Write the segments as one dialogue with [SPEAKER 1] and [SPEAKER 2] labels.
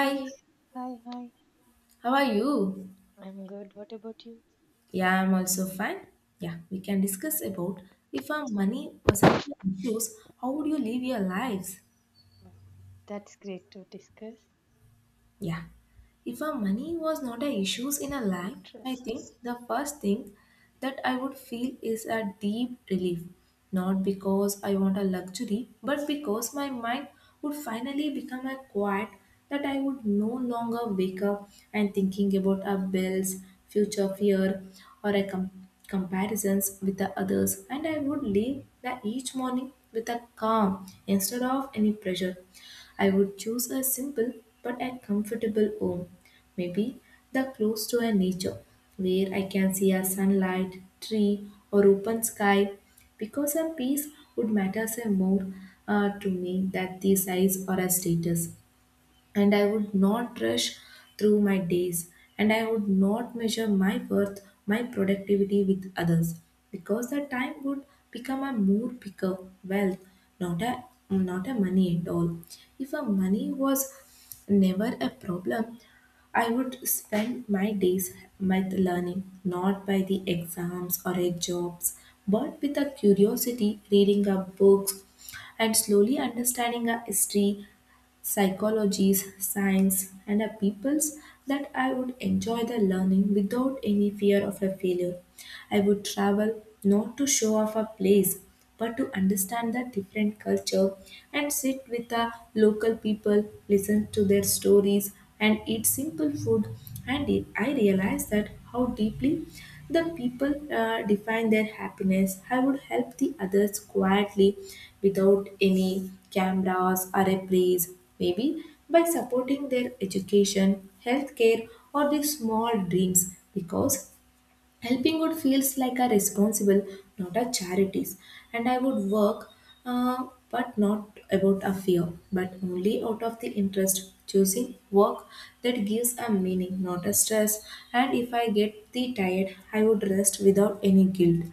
[SPEAKER 1] Hi, hi, hi.
[SPEAKER 2] how are you?
[SPEAKER 1] I'm good. What about you?
[SPEAKER 2] Yeah, I'm also fine. Yeah, we can discuss about if our money wasn't your issues, how would you live your lives?
[SPEAKER 1] Wow, that's great to discuss.
[SPEAKER 2] Yeah. If a money was not a issues in a life, I
[SPEAKER 1] Interesting.
[SPEAKER 2] think the first thing that I would feel is a deep relief. Not because I want a luxury, but because my mind would finally become a quiet that I would no longer wake up and thinking about our bills, future fear, or a comparisons with the others, and I would leave that each morning with a calm instead of any pressure. I would choose a simple but a comfortable home, maybe the close to a nature where I can see a sunlight, tree, or open sky, because a peace would matter more to me than the size or a status, and I would not rush through my days, and I would not measure my worth, my productivity with others because the time would become a more bigger wealth, not a not a money at all. If a money was never a problem, I would spend my days with learning, not by the exams or a jobs, but with a curiosity, reading up books, and slowly understanding a history, psychologies, science, and a peoples, that I would enjoy the learning without any fear of a failure. I would travel not to show off a place, but to understand the different culture and sit with the local people, listen to their stories, and eat simple food. And it, I realized that how deeply the people define their happiness. I would help the others quietly without any cameras or a praise, maybe by supporting their education, healthcare, or their small dreams because helping good feels like a responsible, not a charities. And I would work, but not about a fear, but only out of the interest, choosing work that gives a meaning, not a stress. And if I get the tired, I would rest without any guilt.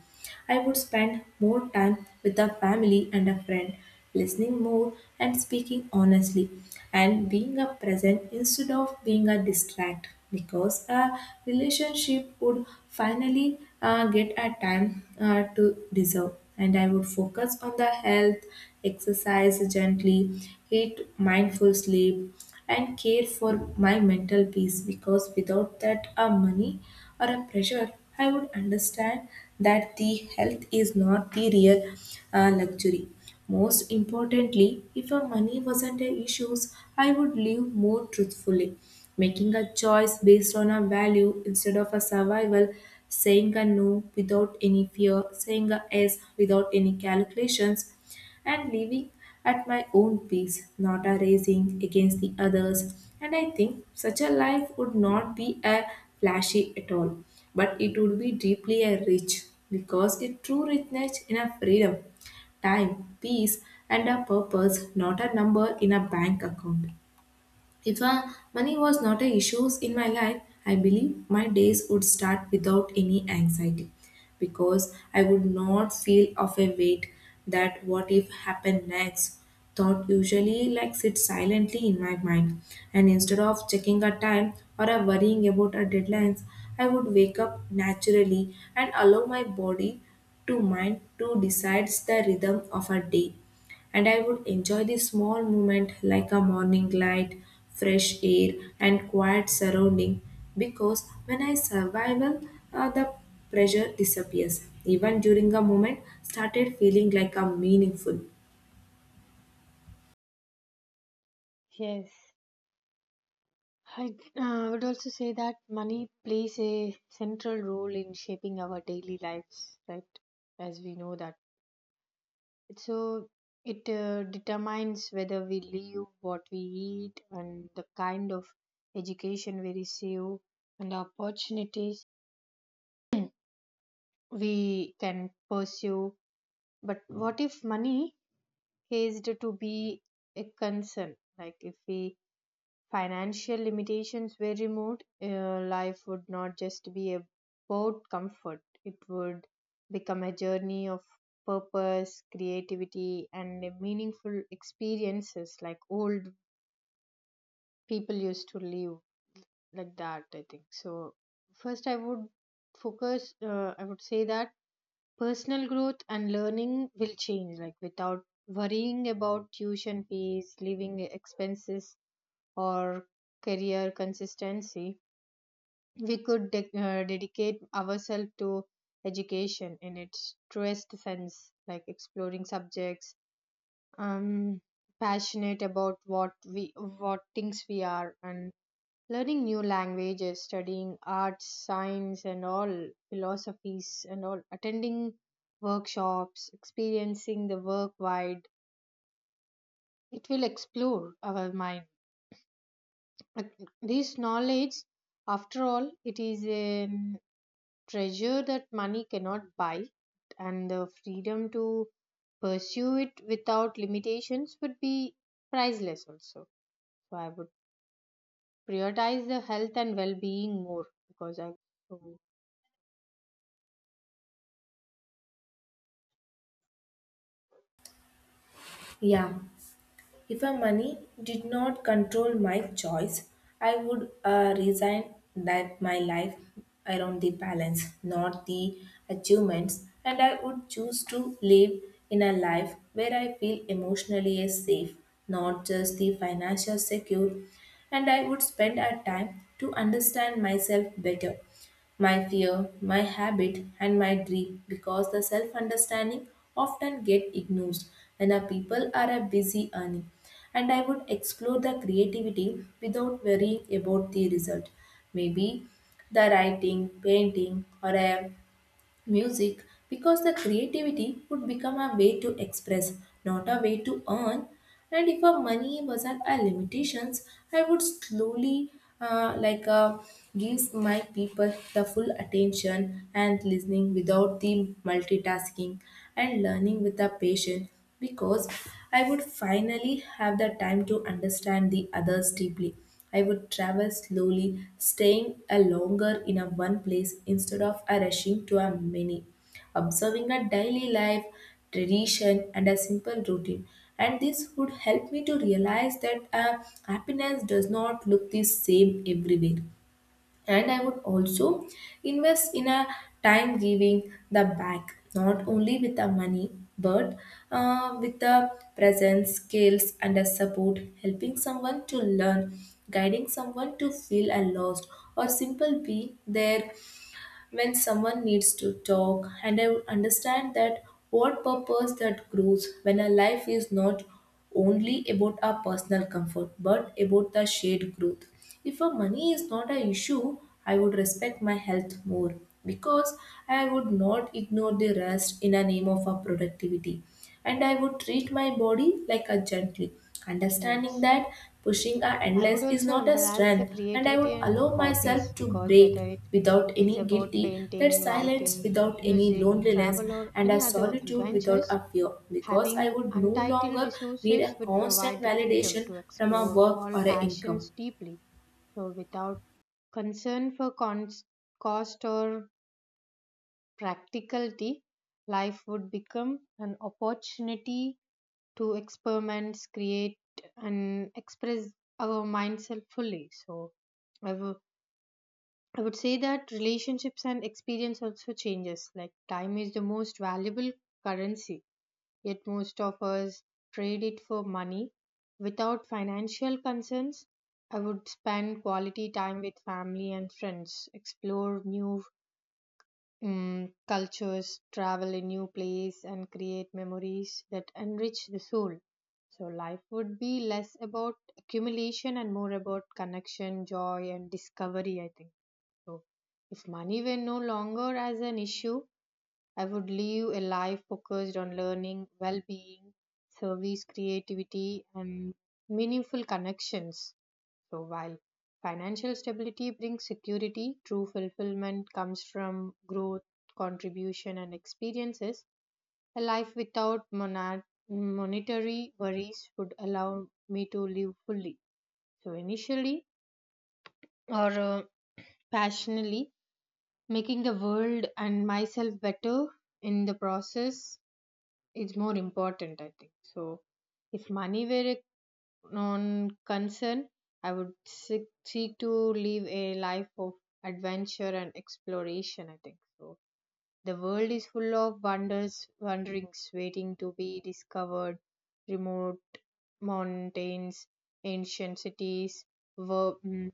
[SPEAKER 2] I would spend more time with a family and a friend, listening more and speaking honestly, and being a present instead of being a distract. Because a relationship would finally get a time to deserve, and I would focus on the health, exercise gently, eat mindful sleep, and care for my mental peace, because without that, money or a pressure, I would understand that the health is not the real luxury. Most importantly, if a money wasn't an issue, I would live more truthfully, making a choice based on a value instead of a survival, saying a no without any fear, saying a yes without any calculations, and living at my own pace, not a racing against the others. And I think such a life would not be a flashy at all, but it would be deeply a rich, because it true richness in a freedom, time, peace, and a purpose, not a number in a bank account. If money was not a issue in my life, I believe my days would start without any anxiety, because I would not feel of a weight that what if happened next thought usually like sits silently in my mind, and instead of checking a time or a worrying about a deadlines, I would wake up naturally and allow my body to mind to decides the rhythm of a day. And I would enjoy the small moment like a morning light, fresh air, and quiet surrounding, because when I survival, the pressure disappears. Even during a moment, started feeling like a meaningful.
[SPEAKER 1] Yes, I would also say that money plays a central role in shaping our daily lives, right? As we know that. So it determines whether we live, what we eat, and the kind of education we receive, and the opportunities we can pursue. But what if money hazed to be a concern. Like if we financial limitations were removed, life would not just be about comfort. It would become a journey of purpose, creativity, and a meaningful experiences like old people used to live like that, I think so. First, I would focus. I would say that personal growth and learning will change, like without worrying about tuition fees, living expenses, or career consistency. We could dedicate ourselves to education in its truest sense, like exploring subjects, um, passionate about what we, what things we are, and learning new languages, studying arts, science, and all philosophies, and all attending workshops, experiencing the work wide, it will explore our mind. But this knowledge, after all, it is a mm, treasure that money cannot buy, and the freedom to pursue it without limitations would be priceless also. So I would prioritize the health and well-being more, because I so
[SPEAKER 2] Yeah. If a money did not control my choice, I would resign that my life around the balance, not the achievements, and I would choose to live in a life where I feel emotionally safe, not just the financial secure, and I would spend a time to understand myself better, my fear, my habit, and my dream, because the self understanding often get ignored when our people are a busy earning. And I would explore the creativity without worrying about the result. Maybe the writing, painting, or a music, because the creativity would become a way to express, not a way to earn. And if our money wasn't a limitations, I would slowly uh, like uh, gives my people the full attention and listening without the multitasking, and learning with a patient, because I would finally have the time to understand the others deeply. I would travel slowly, staying a longer in a one place instead of a rushing to a many, observing a daily life, tradition, and a simple routine. And this would help me to realize that happiness does not look the same everywhere. And I would also invest in a time giving the back not only with the money, but with the presence skills and a support, helping someone to learn, guiding someone to feel a lost, or simple be there when someone needs to talk, and I understand that what purpose that grows when our life is not only about our personal comfort, but about the shared growth. If our money is not an issue, I would respect my health more, because I would not ignore the rest in the name of our productivity, and I would treat my body like a gently. Understanding
[SPEAKER 1] yes,
[SPEAKER 2] that pushing our
[SPEAKER 1] I
[SPEAKER 2] endless
[SPEAKER 1] would
[SPEAKER 2] is
[SPEAKER 1] also
[SPEAKER 2] not a
[SPEAKER 1] embrace the
[SPEAKER 2] strength, and I would
[SPEAKER 1] creativity and
[SPEAKER 2] allow myself
[SPEAKER 1] hobbies,
[SPEAKER 2] to
[SPEAKER 1] because
[SPEAKER 2] break
[SPEAKER 1] whether it
[SPEAKER 2] without
[SPEAKER 1] is
[SPEAKER 2] any
[SPEAKER 1] about
[SPEAKER 2] guilty, that
[SPEAKER 1] painting,
[SPEAKER 2] silence
[SPEAKER 1] writing,
[SPEAKER 2] without any
[SPEAKER 1] music,
[SPEAKER 2] loneliness,
[SPEAKER 1] travel, or
[SPEAKER 2] and
[SPEAKER 1] any
[SPEAKER 2] a
[SPEAKER 1] other
[SPEAKER 2] solitude without
[SPEAKER 1] adventures,
[SPEAKER 2] a fear, because I
[SPEAKER 1] having
[SPEAKER 2] would no
[SPEAKER 1] untitled
[SPEAKER 2] longer need a
[SPEAKER 1] resources would
[SPEAKER 2] constant
[SPEAKER 1] provide the freedom
[SPEAKER 2] validation
[SPEAKER 1] to
[SPEAKER 2] from a
[SPEAKER 1] explore
[SPEAKER 2] work or
[SPEAKER 1] all
[SPEAKER 2] a income.
[SPEAKER 1] passions deeply. So, without concern for cost or practicality, life would become an opportunity to experiment, create, and express our mindself fully. So I would, I would say that relationships and experience also changes. Like time is the most valuable currency, yet most of us trade it for money. Without financial concerns, I would spend quality time with family and friends, explore new cultures, travel a new place, and create memories that enrich the soul. So life would be less about accumulation and more about connection, joy, and discovery, I think. So if money were no longer as an issue, I would live a life focused on learning, well-being, service, creativity, and meaningful connections. So, while financial stability brings security, true fulfillment comes from growth, contribution, and experiences. A life without monetary worries would allow me to live fully. So, initially, or passionately, making the world and myself better in the process is more important, I think. So, if money were a non concern, I would seek to live a life of adventure and exploration, I think so. The world is full of wonders, wanderings waiting to be discovered, remote mountains, ancient cities, ver- mm,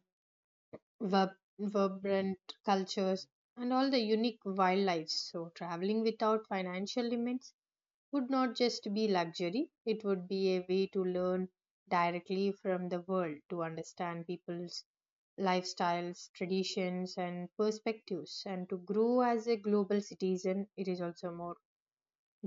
[SPEAKER 1] vibrant cultures, and all the unique wildlife. So, traveling without financial limits would not just be luxury, it would be a way to learn directly from the world, to understand people's lifestyles, traditions, and perspectives, and to grow as a global citizen. It is also more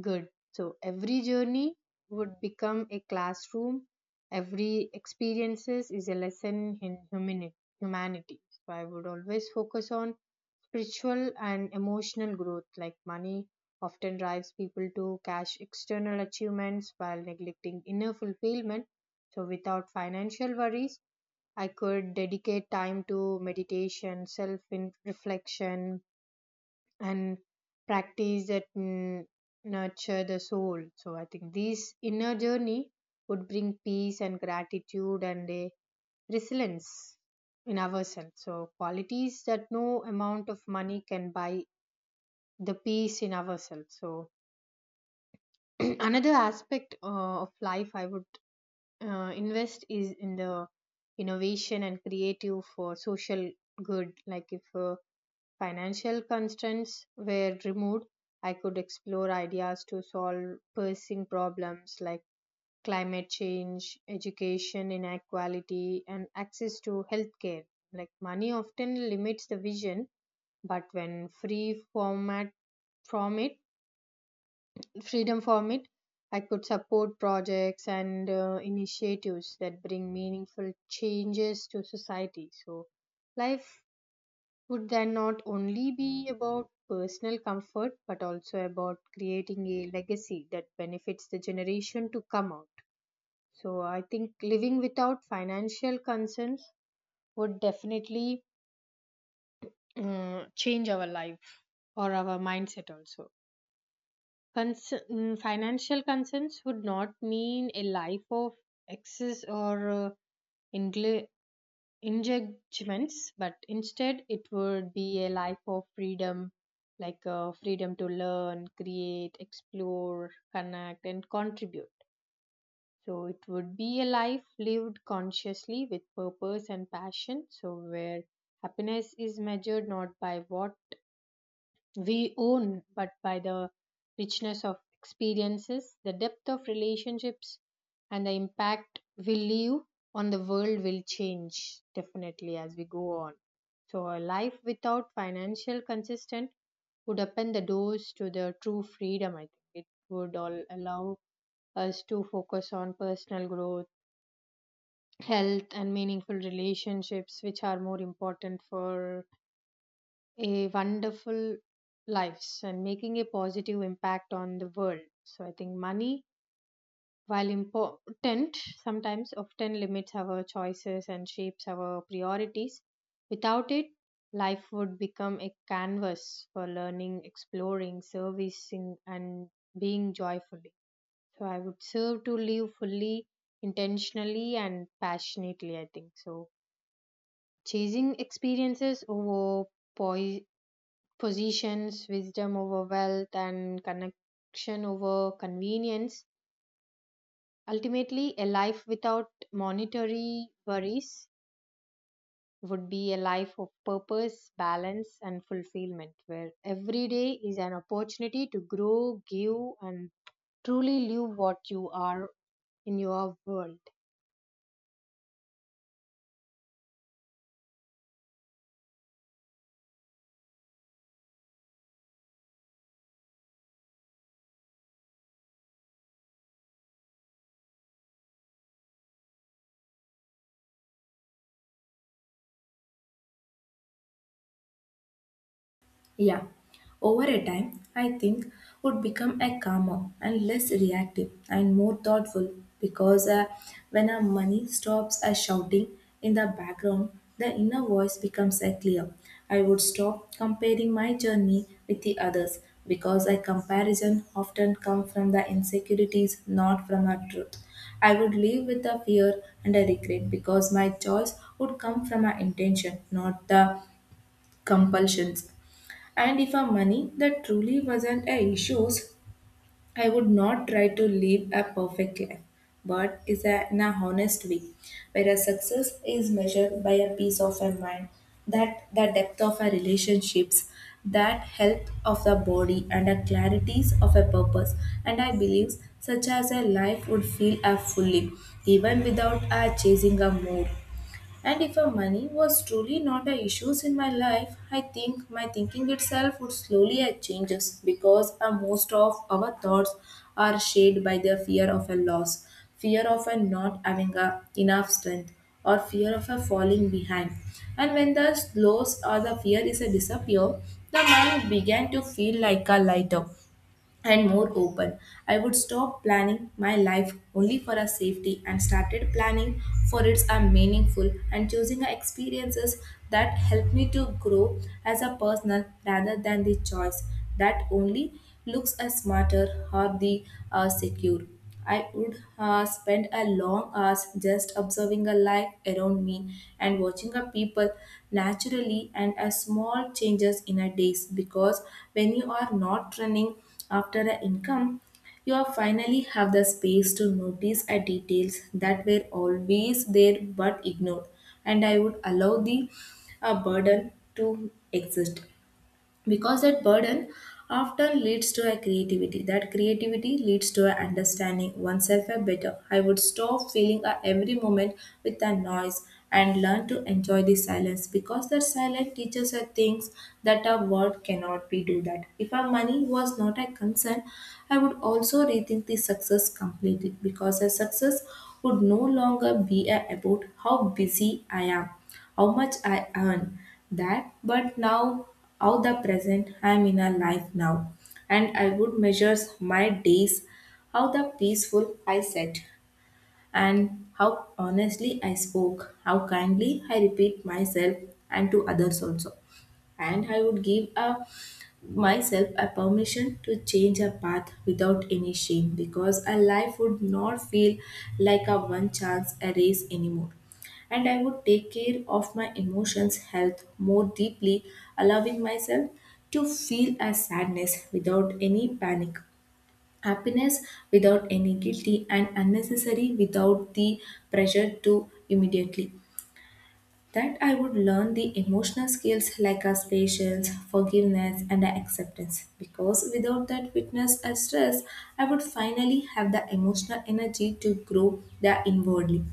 [SPEAKER 1] good. So, every journey would become a classroom, every experiences is a lesson in humanity. So, I would always focus on spiritual and emotional growth, like money often drives people to cash external achievements while neglecting inner fulfillment. So without financial worries, I could dedicate time to meditation, self reflection, and practice that nurture the soul. So I think this inner journey would bring peace and gratitude and a resilience in ourselves, so qualities that no amount of money can buy, the peace in ourselves. So another aspect of life I would invest is in the innovation and creative for social good. Like if financial constraints were removed, I could explore ideas to solve pressing problems like climate change, education inequality, and access to healthcare. Like money often limits the vision, but when free format from it freedom from it, I could support projects and initiatives that bring meaningful changes to society. So, life would then not only be about personal comfort but also about creating a legacy that benefits the generation to come out. So, I think living without financial concerns would definitely change our life or our mindset also. Financial concerns would not mean a life of excess or ingle- engagements, but instead it would be a life of freedom, like freedom to learn, create, explore, connect, and contribute. So it would be a life lived consciously with purpose and passion. So where happiness is measured not by what we own, but by the richness of experiences, the depth of relationships, and the impact we leave on the world will change definitely as we go on. So, a life without financial consistent would open the doors to the true freedom. I think it would all allow us to focus on personal growth, health, and meaningful relationships, which are more important for a wonderful lives and making a positive impact on the world. So I think money, while important, sometimes often limits our choices and shapes our priorities. Without it, life would become a canvas for learning, exploring, servicing, and being joyfully. So I would serve to live fully, intentionally, and passionately, I think. So chasing experiences over positions, wisdom over wealth, and connection over convenience. Ultimately, a life without monetary worries would be a life of purpose, balance, and fulfillment, where every day is an opportunity to grow, give, and truly live what you are in your world.
[SPEAKER 2] Yeah, over a time, I think would become a calmer and less reactive and more thoughtful because when our money stops a shouting in the background, the inner voice becomes a clear. I would stop comparing my journey with the others, because a comparison often comes from the insecurities, not from our truth. I would live with the fear and a regret because my choice would come from my intention, not the compulsions. And if a money that truly wasn't a issue, I would not try to live a perfect life, but is a, in a honest way, where a success is measured by a peace of a mind, that the depth of our relationships, that health of the body, and the clarities of a purpose. And I believe such as a life would feel a fully, even without a chasing a more. And if a money was truly not a issue in my life, I think my thinking itself would slowly changes because most of our thoughts are shaped by the fear of a loss, fear of a not having a enough strength, or fear of a falling behind. And when the loss or the fear is a disappear, the mind began to feel like a lighter and more open. I would stop planning my life only for a safety, and started planning for its a meaningful, and choosing a experiences that help me to grow as a person rather than the choice that only looks as smarter or the secure. I would spend a long hours just observing a life around me and watching a people naturally, and a small changes in a days, because when you are not running after an income, you are finally have the space to notice a details that were always there but ignored. And I would allow the burden to exist, because that burden often leads to a creativity, that creativity leads to a understanding oneself a better. I would stop feeling a every moment with a noise and learn to enjoy the silence, because that silence teaches us things that a word cannot be do. That if our money was not a concern, I would also rethink the success completely, because a success would no longer be a about how busy I am, how much I earn that, but now how the present I am in a life now. And I would measure my days, how the peaceful I set, and how honestly I spoke, how kindly I repeat myself and to others also. And I would give a myself a permission to change a path without any shame, because a life would not feel like a one chance a race anymore. And I would take care of my emotions health more deeply, allowing myself to feel a sadness without any panic, happiness without any guilty, and unnecessary without the pressure to immediately, that I would learn the emotional skills like as patience, forgiveness, and acceptance. Because without that witness, and stress, I would finally have the emotional energy to grow the inwardly.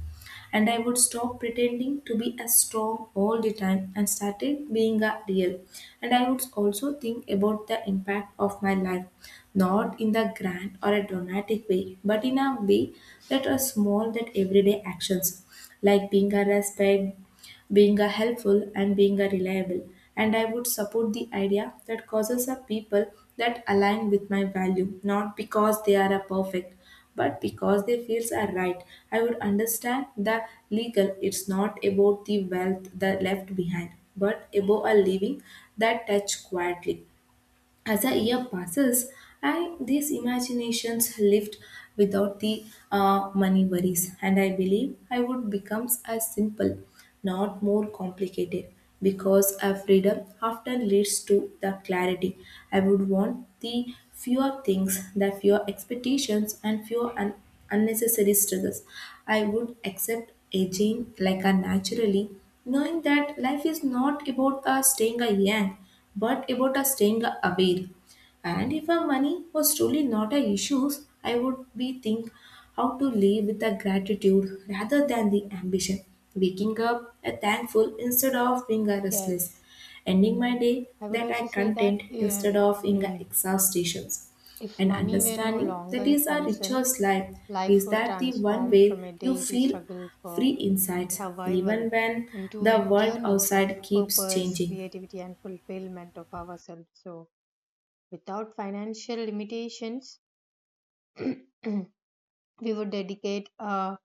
[SPEAKER 2] And I would stop pretending to be as strong all the time and started being a real. And I would also think about the impact of my life, not in the grand or a dramatic way, but in a way that are small that everyday actions like being a respect, being a helpful, and being a reliable. And I would support the idea that causes are people that align with my value, not because they are a perfect but because they feels are right. I would understand the legal it's not about the wealth that left behind but about a living that touch quietly. As a year passes, I these imaginations lived without the money worries, and I believe I would becomes as simple, not more complicated, because a freedom often leads to the clarity. I would want the fewer things, the fewer expectations, and fewer unnecessary struggles. I would accept aging like a naturally, knowing that life is not about staying a young but about us staying aware. And if our money was truly not a issue, I would be think how to live with a gratitude rather than the ambition. Waking up a thankful instead of being a restless.
[SPEAKER 1] Yes,
[SPEAKER 2] Ending my day
[SPEAKER 1] I would
[SPEAKER 2] that I
[SPEAKER 1] also say that
[SPEAKER 2] content instead of in a
[SPEAKER 1] mm,
[SPEAKER 2] exhaustations.
[SPEAKER 1] if
[SPEAKER 2] And
[SPEAKER 1] money were no
[SPEAKER 2] understanding
[SPEAKER 1] longer
[SPEAKER 2] that
[SPEAKER 1] a
[SPEAKER 2] is our
[SPEAKER 1] concern,
[SPEAKER 2] richest life
[SPEAKER 1] life
[SPEAKER 2] is
[SPEAKER 1] would
[SPEAKER 2] that the one
[SPEAKER 1] transform
[SPEAKER 2] way
[SPEAKER 1] from a
[SPEAKER 2] you
[SPEAKER 1] daily
[SPEAKER 2] feel
[SPEAKER 1] struggle
[SPEAKER 2] free
[SPEAKER 1] for
[SPEAKER 2] insights
[SPEAKER 1] survival
[SPEAKER 2] even when
[SPEAKER 1] into
[SPEAKER 2] the
[SPEAKER 1] a
[SPEAKER 2] world
[SPEAKER 1] journey of
[SPEAKER 2] outside keeps
[SPEAKER 1] purpose,
[SPEAKER 2] changing.
[SPEAKER 1] creativity, and fulfillment of ourselves. So, without financial limitations, we would dedicate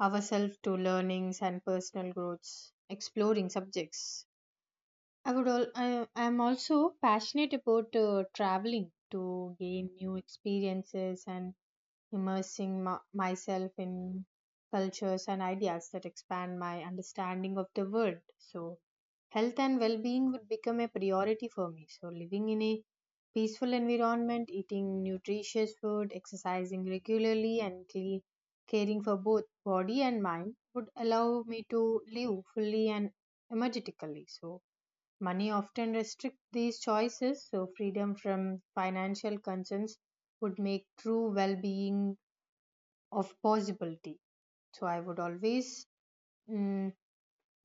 [SPEAKER 1] ourselves to learnings and personal growths, exploring subjects. I am also passionate about traveling to gain new experiences and immersing myself in cultures and ideas that expand my understanding of the world. So, health and well being would become a priority for me. So, living in a peaceful environment, eating nutritious food, exercising regularly, and caring for both body and mind would allow me to live fully and energetically. So, money often restricts these choices, so, freedom from financial concerns would make true well being of possibility. So I would always mm,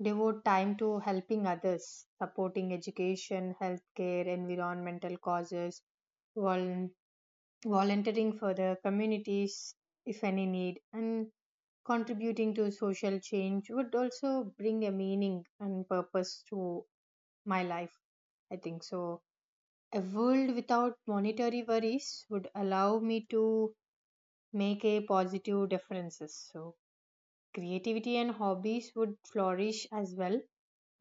[SPEAKER 1] devote time to helping others, supporting education, healthcare, environmental causes, vol- volunteering for the communities if any need, and contributing to social change would also bring a meaning and purpose to my life, I think so. A world without monetary worries would allow me to make a positive differences. So creativity and hobbies would flourish as well,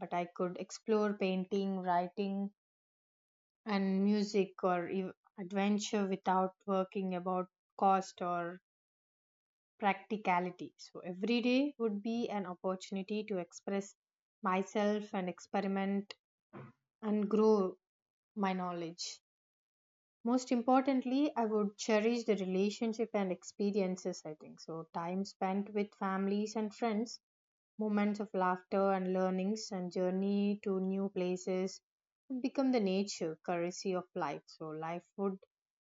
[SPEAKER 1] but I could explore painting, writing, and music or adventure without working about cost or practicality. So every day would be an opportunity to express myself and experiment and grow my knowledge. Most importantly, I would cherish the relationship and experiences, I think. So, time spent with families and friends, moments of laughter and learnings and journey to new places would become the nature currency of life. So life would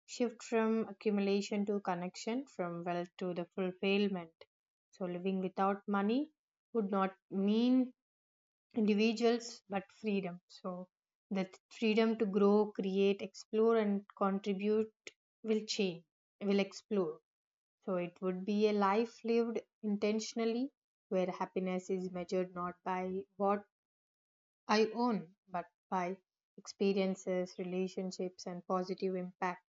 [SPEAKER 1] shift from accumulation to connection, from wealth to the fulfillment. So living without money would not mean individuals but freedom. So the freedom to grow, create, explore, and contribute will change, will explore. So it would be a life lived intentionally, where happiness is measured not by what I own, but by experiences, relationships, and positive impact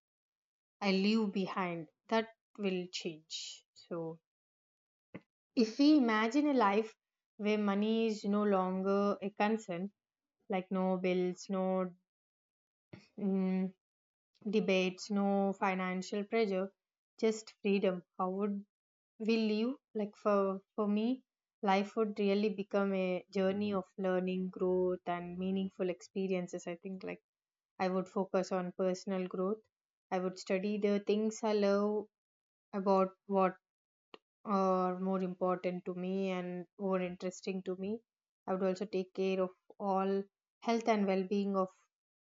[SPEAKER 1] I leave behind. That will change. So if we imagine a life where money is no longer a concern, like no bills, no mm, debates, no financial pressure, just freedom, how would we live? Like for me, life would really become a journey of learning, growth, and meaningful experiences, I think. Like I would focus on personal growth, I would study the things I love about, what are more important to me and more interesting to me. I would also take care of all health and well being of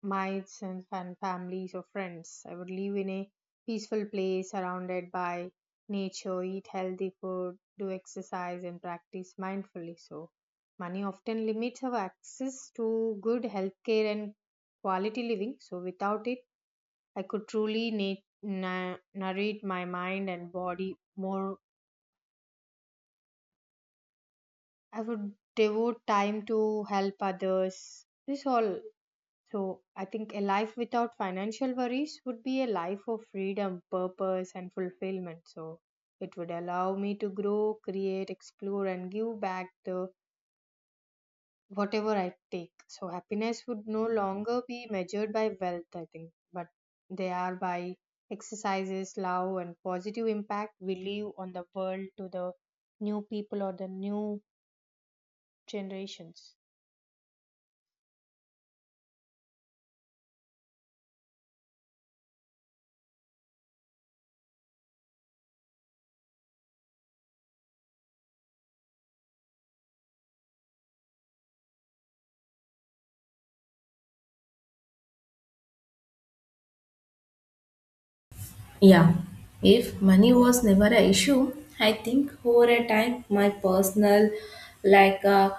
[SPEAKER 1] my sons and families or friends. I would live in a peaceful place surrounded by nature, eat healthy food, do exercise, and practice mindfully. So, money often limits our access to good health care and quality living. So, without it, I could truly narrate my mind and body more. I would devote time to help others. This all. So, I think a life without financial worries would be a life of freedom, purpose, and fulfillment. So, it would allow me to grow, create, explore, and give back the whatever I take. So, happiness would no longer be measured by wealth, I think, but they are by exercises, love, and positive impact we leave on the world to the new people or the new generations.
[SPEAKER 2] Yeah, if money was never an issue, I think over a time my personal, like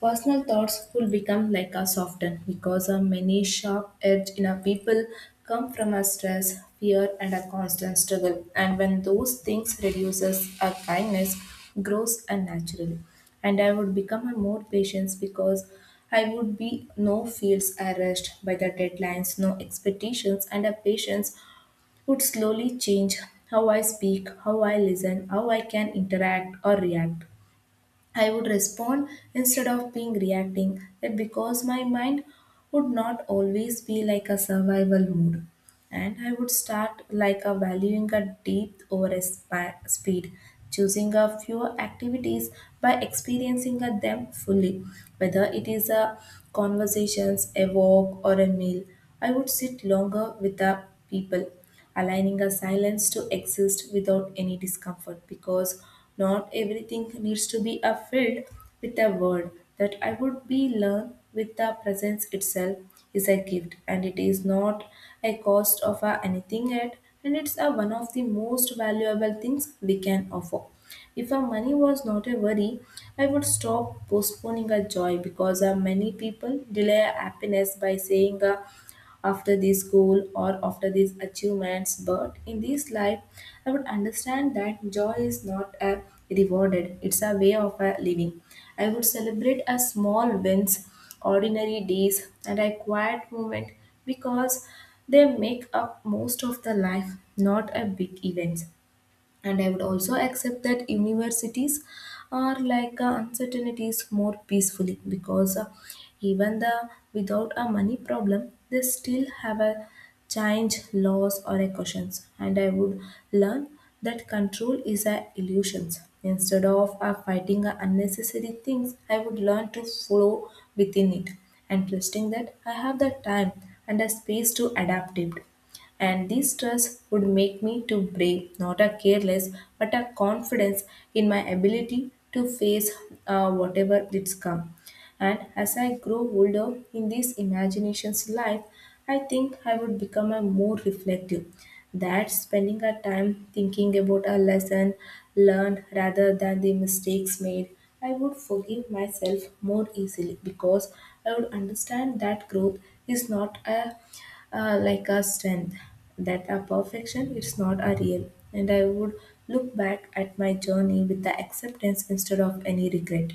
[SPEAKER 2] personal thoughts could become like a soften because of many sharp edge in our people come from a stress, fear, and a constant struggle. And when those things reduces, our kindness grows unnaturally. And I would become a more patient because I would be no feels arrest by the deadlines, no expectations, and a patience would slowly change how I speak, how I listen, how I can interact or react. I would respond instead of being reacting, that because my mind would not always be like a survival mode. And I would start like a valuing a depth over a speed, choosing a fewer activities by experiencing a them fully, whether it is a conversations, a walk, or a meal. I would sit longer with the people, aligning a silence to exist without any discomfort because not everything needs to be a filled with a word. That I would be learned with the presence itself is a gift and it is not a cost of a anything yet, and it's a one of the most valuable things we can offer. If our money was not a worry, I would stop postponing our joy because many people delay happiness by saying, after this goal or after these achievements. But in this life, I would understand that joy is not a rewarded, it's a way of a living. I would celebrate a small wins, ordinary days, and a quiet moment because they make up most of the life, not a big event. And I would also accept that universities are like uncertainties more peacefully because even the without a money problem, they still have a change laws or a questions. And I would learn that control is a illusions. Instead of fighting unnecessary things, I would learn to flow within it and trusting that I have the time and a space to adapt it. And this stress would make me to brave, not a careless, but a confidence in my ability to face whatever it's come. And as I grow older in this imagination's life, I think I would become a more reflective. That spending a time thinking about a lesson learned rather than the mistakes made, I would forgive myself more easily because I would understand that growth is not a like a strength, that a perfection it's not a real. And I would look back at my journey with the acceptance instead of any regret.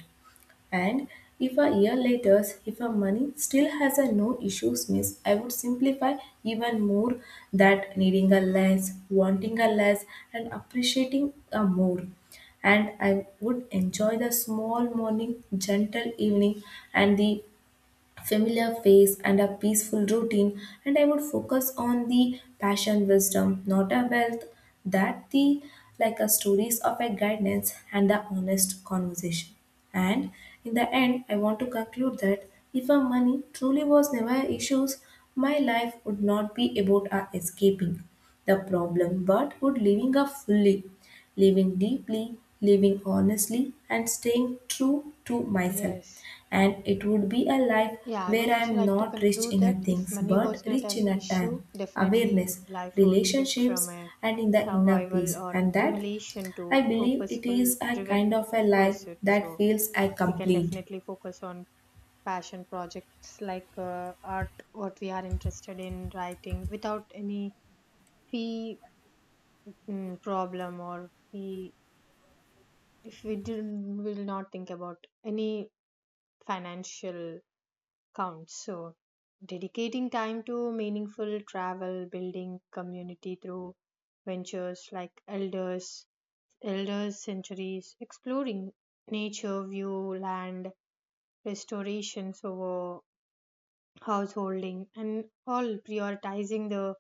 [SPEAKER 2] And if a year later, if a money still has a no issues miss, I would simplify even more. That needing a less, wanting a less, and appreciating a more. And I would enjoy the small morning, gentle evening, and the familiar face and a peaceful routine. And I would focus on the passion wisdom, not a wealth. That the like a stories of a guidance and the honest conversation. And in the end, I want to conclude that if our money truly was never a issues, my life would not be about our escaping the problem but would living a fully, living deeply, living honestly, and staying true to myself.
[SPEAKER 1] Yes.
[SPEAKER 2] And it would be a life
[SPEAKER 1] Yeah, I would
[SPEAKER 2] where I
[SPEAKER 1] also
[SPEAKER 2] am
[SPEAKER 1] like to
[SPEAKER 2] not rich
[SPEAKER 1] conclude
[SPEAKER 2] in a
[SPEAKER 1] that if
[SPEAKER 2] things
[SPEAKER 1] money
[SPEAKER 2] but
[SPEAKER 1] was not
[SPEAKER 2] rich
[SPEAKER 1] an
[SPEAKER 2] in a time,
[SPEAKER 1] issue, definitely
[SPEAKER 2] awareness,
[SPEAKER 1] life would shift from
[SPEAKER 2] relationships,
[SPEAKER 1] a
[SPEAKER 2] and in the inner
[SPEAKER 1] survival
[SPEAKER 2] peace.
[SPEAKER 1] or
[SPEAKER 2] And that
[SPEAKER 1] accumulation
[SPEAKER 2] I
[SPEAKER 1] to
[SPEAKER 2] believe it
[SPEAKER 1] purposeful
[SPEAKER 2] is a kind
[SPEAKER 1] driven
[SPEAKER 2] of a life
[SPEAKER 1] pursuit.
[SPEAKER 2] that
[SPEAKER 1] So
[SPEAKER 2] feels I
[SPEAKER 1] we can
[SPEAKER 2] complete.
[SPEAKER 1] definitely focus on passion projects like art, what we are interested in writing without any fee, problem or fee. If we didn't, will not think about any financial counts. So, dedicating time to meaningful travel, building community through ventures like elders centuries, exploring nature, view, land, restorations over householding, and all prioritizing the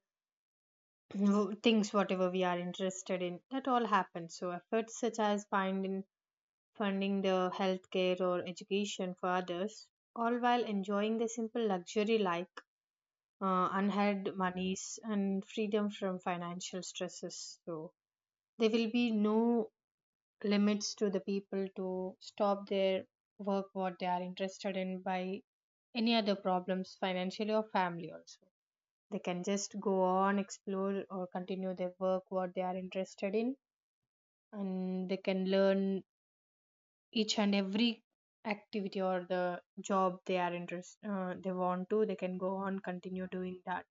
[SPEAKER 1] things whatever we are interested in. That all happens. So, efforts such as finding funding the healthcare or education for others, all while enjoying the simple luxury like. Unheard monies and freedom from financial stresses. So there will be no limits to the people to stop their work what they are interested in by any other problems financially or family also. They can just go on, explore or continue their work what they are interested in, and they can learn each and every activity or the job they are interest. They want to they can go on continue doing that.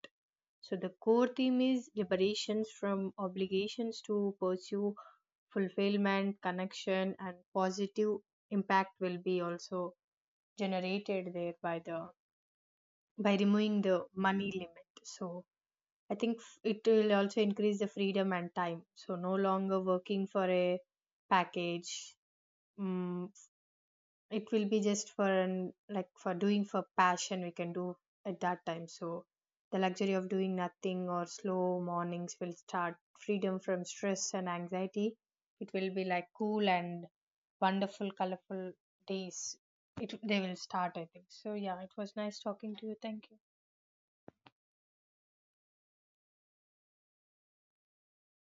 [SPEAKER 1] So the core theme is liberations from obligations to pursue fulfillment, connection, and positive impact will be also generated there by the, by removing the money limit. So I think it will also increase the freedom and time. So no longer working for a package. mm it will be just for an, like for doing for passion we can do at that time. So the luxury of doing nothing or slow mornings will start, freedom from stress and anxiety, it will be like cool and wonderful, colorful days, it they will start, I think so. Yeah, it was nice talking to you, thank you.